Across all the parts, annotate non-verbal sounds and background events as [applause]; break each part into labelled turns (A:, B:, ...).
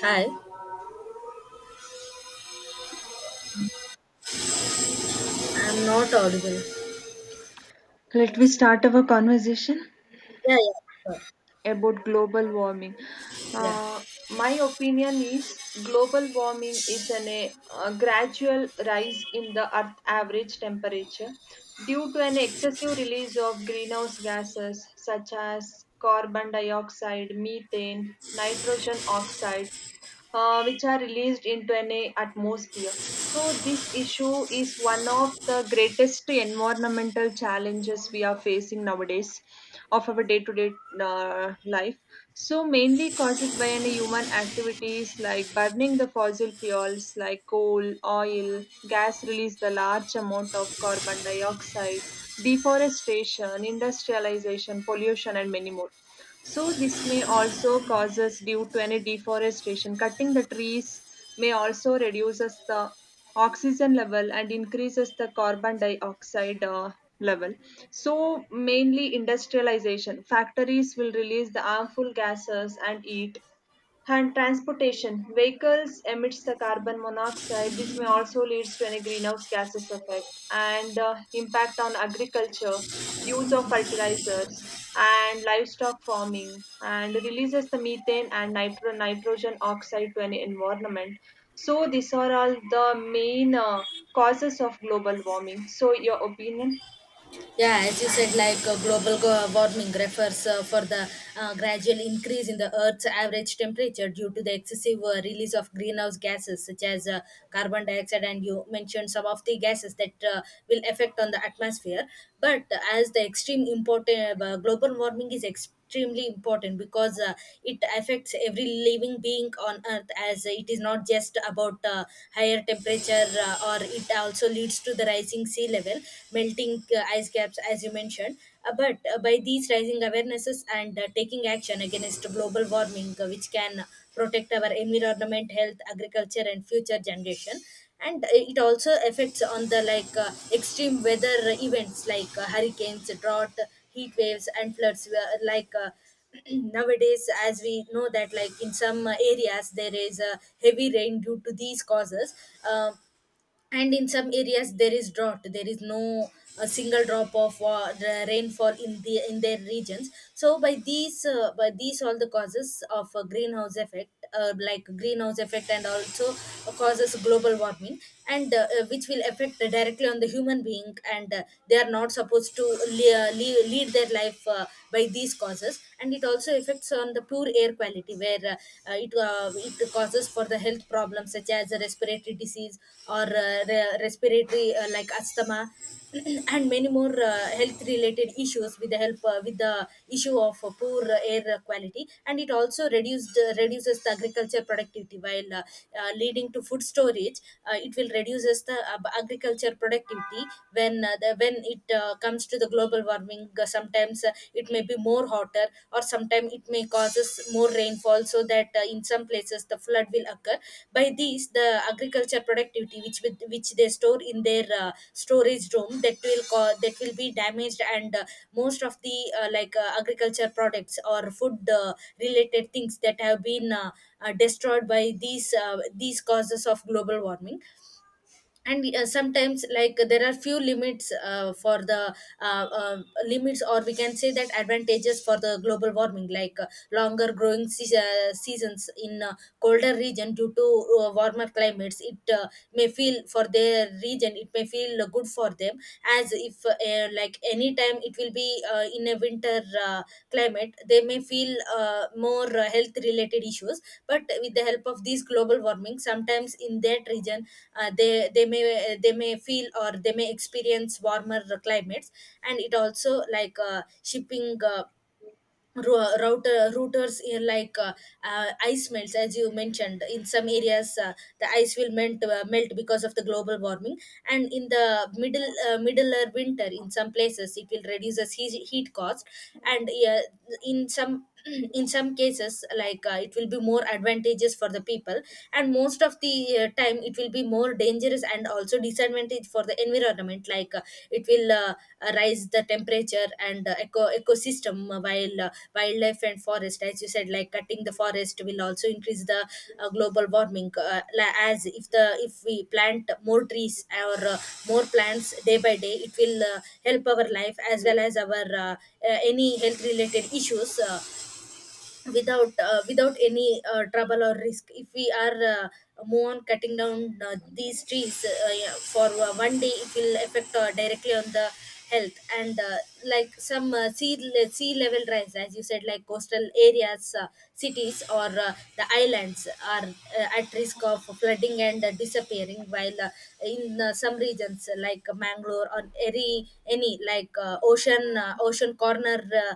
A: Hi, I'm not audible.
B: So, let me start our conversation
A: Yeah, yeah, sure.
B: about global warming.
A: yeah,
B: Uh, my opinion is global warming is a gradual rise in the earth average temperature due to an excessive release of greenhouse gases such as carbon dioxide, methane, nitrogen oxide, which are released into an atmosphere. So, this issue is one of the greatest environmental challenges we are facing nowadays of our day to day life. So, mainly caused by any human activities like burning the fossil fuels like coal, oil, gas release the large amount of carbon dioxide, deforestation, industrialization, pollution, and many more. So this may also cause us due to any deforestation. Cutting the trees may also reduce us the oxygen level and increases the carbon dioxide level. So mainly industrialization. Factories will release the harmful gases and heat, and transportation: vehicles emits the carbon monoxide. This may also leads to any greenhouse gases effect and impact on agriculture, use of fertilizers and livestock farming, and releases the methane and nitrogen oxide to any environment. So these are all the main causes of global warming. So your opinion?
A: yeah. As you said, warming refers for the gradual increase in the Earth's average temperature due to the excessive release of greenhouse gases such as carbon dioxide, and you mentioned some of the gases that will affect on the atmosphere. But as the extreme important global warming is extremely important because it affects every living being on earth, as it is not just about higher temperature, or it also leads to the rising sea level, melting ice caps as you mentioned. But by these rising awarenesses and taking action against global warming, which can protect our environment, health, agriculture, and future generation. And it also affects on the extreme weather events like hurricanes, drought, heat waves, and floods, were like [clears throat] nowadays, as we know that, like, in some areas there is heavy rain due to these causes, um, and in some areas there is drought, there is no a single drop of the rainfall in the in their regions. So by these all the causes of a greenhouse effect, like greenhouse effect, and also causes global warming, and which will affect directly on the human being and they are not supposed to lead, lead their life by these causes. And it also affects on the poor air quality, where it causes for the health problems such as respiratory disease or respiratory, like asthma, [clears throat] and many more health related issues with the help with the issue of poor air quality. And it also reduced reduces the agriculture productivity, while leading to food storage. It will reduces the agriculture productivity. When it comes to the global warming, sometimes it may be more hotter, or sometimes it may causes more rainfall, so that, in some places, the flood will occur. By these, the agriculture productivity which which they store in their storage room, that will that will be damaged. And most of the agriculture products or food- related things that have been destroyed by these causes of global warming. And sometimes, like, there are few limits for the limits, or we can say that, advantages for the global warming, like longer growing seasons in colder region, due to warmer climates. It may feel for their region, it may feel good for them. As if, like, anytime it will be in a winter climate, they may feel more health related issues, but with the help of these global warming, sometimes in that region they may feel or they may experience warmer climates. And it also, like shipping routers, ice melts, as you mentioned, in some areas the ice will melt because of the global warming. And in the middle or winter, in some places, it will reduce as heat cost. And yeah, in some [clears throat] in some cases, like, it will be more advantageous for the people, and most of the time it will be more dangerous, and also disadvantage for the environment. It will rise the temperature, and ecosystem, while wildlife and forest. As you said, like, cutting the forest will also increase the global warming. As if the if we plant more trees, or more plants day by day, it will help our life, as well as our any health related issues, without any trouble or risk. If we are move on cutting down these trees, yeah, for one day it will affect directly on the health. And like, some sea level rise, as you said, like, coastal areas, cities, or the islands, are at risk of flooding and disappearing. While uh, in uh, some regions, like Mangalore or any, any like ocean corner, uh,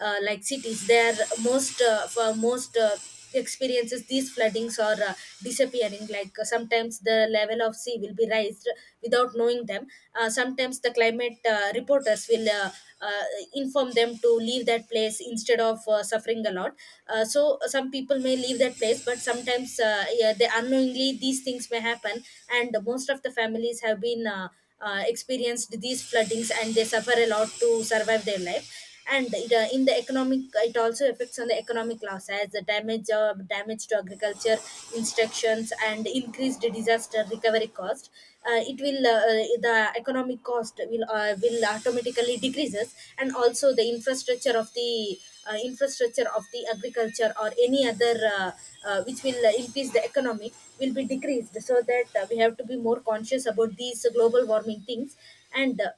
A: like cities there, most, for most, experiences these floodings, are disappearing. Sometimes the level of sea will be raised without knowing them. Sometimes the climate reporters will uh, inform them to leave that place instead of suffering a lot. So some people may leave that place, but sometimes, yeah, they unknowingly these things may happen. And most of the families have been experienced these floodings, and they suffer a lot to survive their life. And in the economic, it also affects on the economic loss, as the damage to agriculture instructions, and increased disaster recovery cost. It will The economic cost will automatically decreases. And also the infrastructure of the infrastructure of the agriculture, or any other, which will increase the economy, will be decreased. So that, we have to be more conscious about these global warming things. And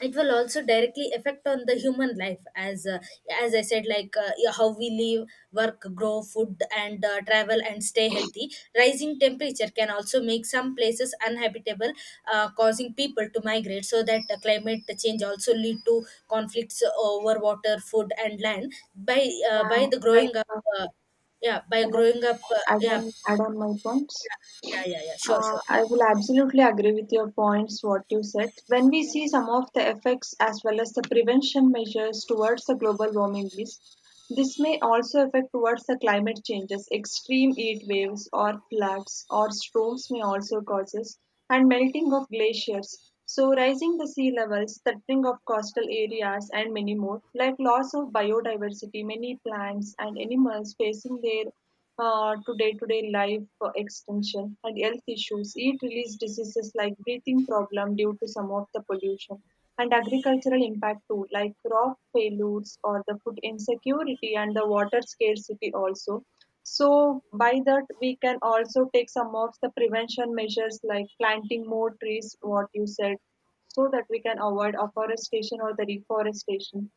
A: it will also directly affect on the human life. As I said, like, yeah, how we live, work, grow food, and travel and stay healthy. Rising temperature can also make some places uninhabitable, causing people to migrate. So that, climate change also lead to conflicts over water, food, and land
B: Yeah,
A: by the
B: like
A: growing up uh, yeah, by
B: can I
A: growing up,
B: add on my points?
A: yeah yeah Yeah, sure, sure.
B: I will absolutely agree with your points, what you said. When we see some of the effects as well as the prevention measures towards the global warming risk, this may also affect towards the climate changes. Extreme heat waves or floods or storms may also causes, and melting of glaciers. So rising the sea levels, threatening of coastal areas and many more, like loss of biodiversity, many plants and animals facing their to day-to-day life extension and health issues. Heat release diseases like breathing problem due to some of the pollution, and agricultural impact too, like crop failures or the food insecurity and the water scarcity also. So by that we can also take some of the prevention measures like planting more trees, what you said, so that we can avoid afforestation or the reforestation,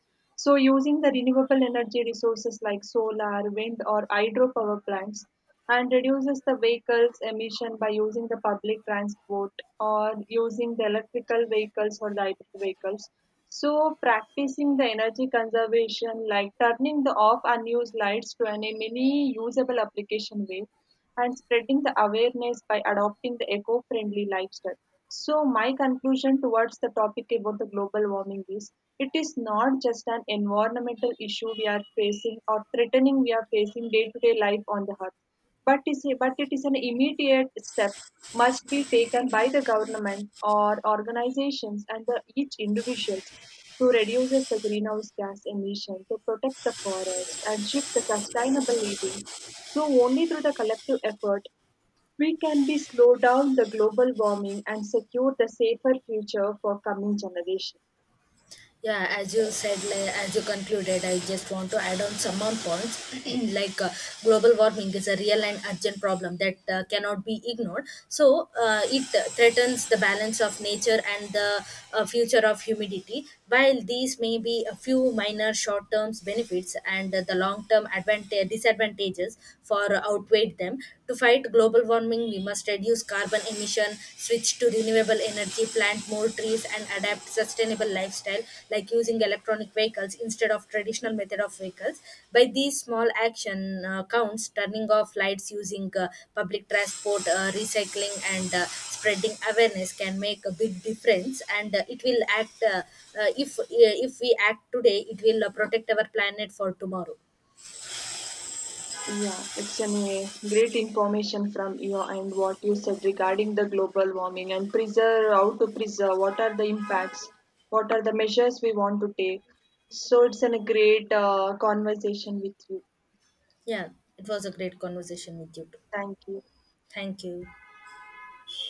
B: so using the renewable energy resources like solar, wind or hydropower plants, and reduces the vehicles emission by using the public transport or using the electrical vehicles or the hybrid vehicles. So practicing the energy conservation like turning the off unused lights to an a mini usable application way, and spreading the awareness by adopting the eco-friendly lifestyle. So my conclusion towards the topic about the global warming is it is not just an environmental issue we are facing or threatening we are facing day to day life on the earth, but is but it is an immediate step must be taken by the government or organizations and the, each individuals, to reduce the greenhouse gas emission, to protect the forest and shift the sustainable living, so only through the collective effort we can be slow down the global warming and secure the safer future for coming generation.
A: Yeah, as you said, like, as you concluded, I just want to add on some more points. [clears throat] like uh, Global warming is a real and urgent problem that cannot be ignored. So it threatens the balance of nature and the future of humidity. While these may be a few minor short term benefits and the long term advantage disadvantages for outweighed them. To fight global warming, we must reduce carbon emission, switch to renewable energy, plant more trees, and adapt sustainable lifestyle, like using electronic vehicles instead of traditional method of vehicles. By these small action counts, turning off lights, using public transport, recycling, and spreading awareness, can make a big difference. And it will act if we act today, it will protect our planet for tomorrow.
B: Yeah, it's an great information from you and what you said regarding the global warming and preserve how to preserve what are the impacts, what are the measures we want to take. So it's a great conversation with you.
A: Yeah, it was a great conversation with you too.
B: Thank you.
A: Thank you.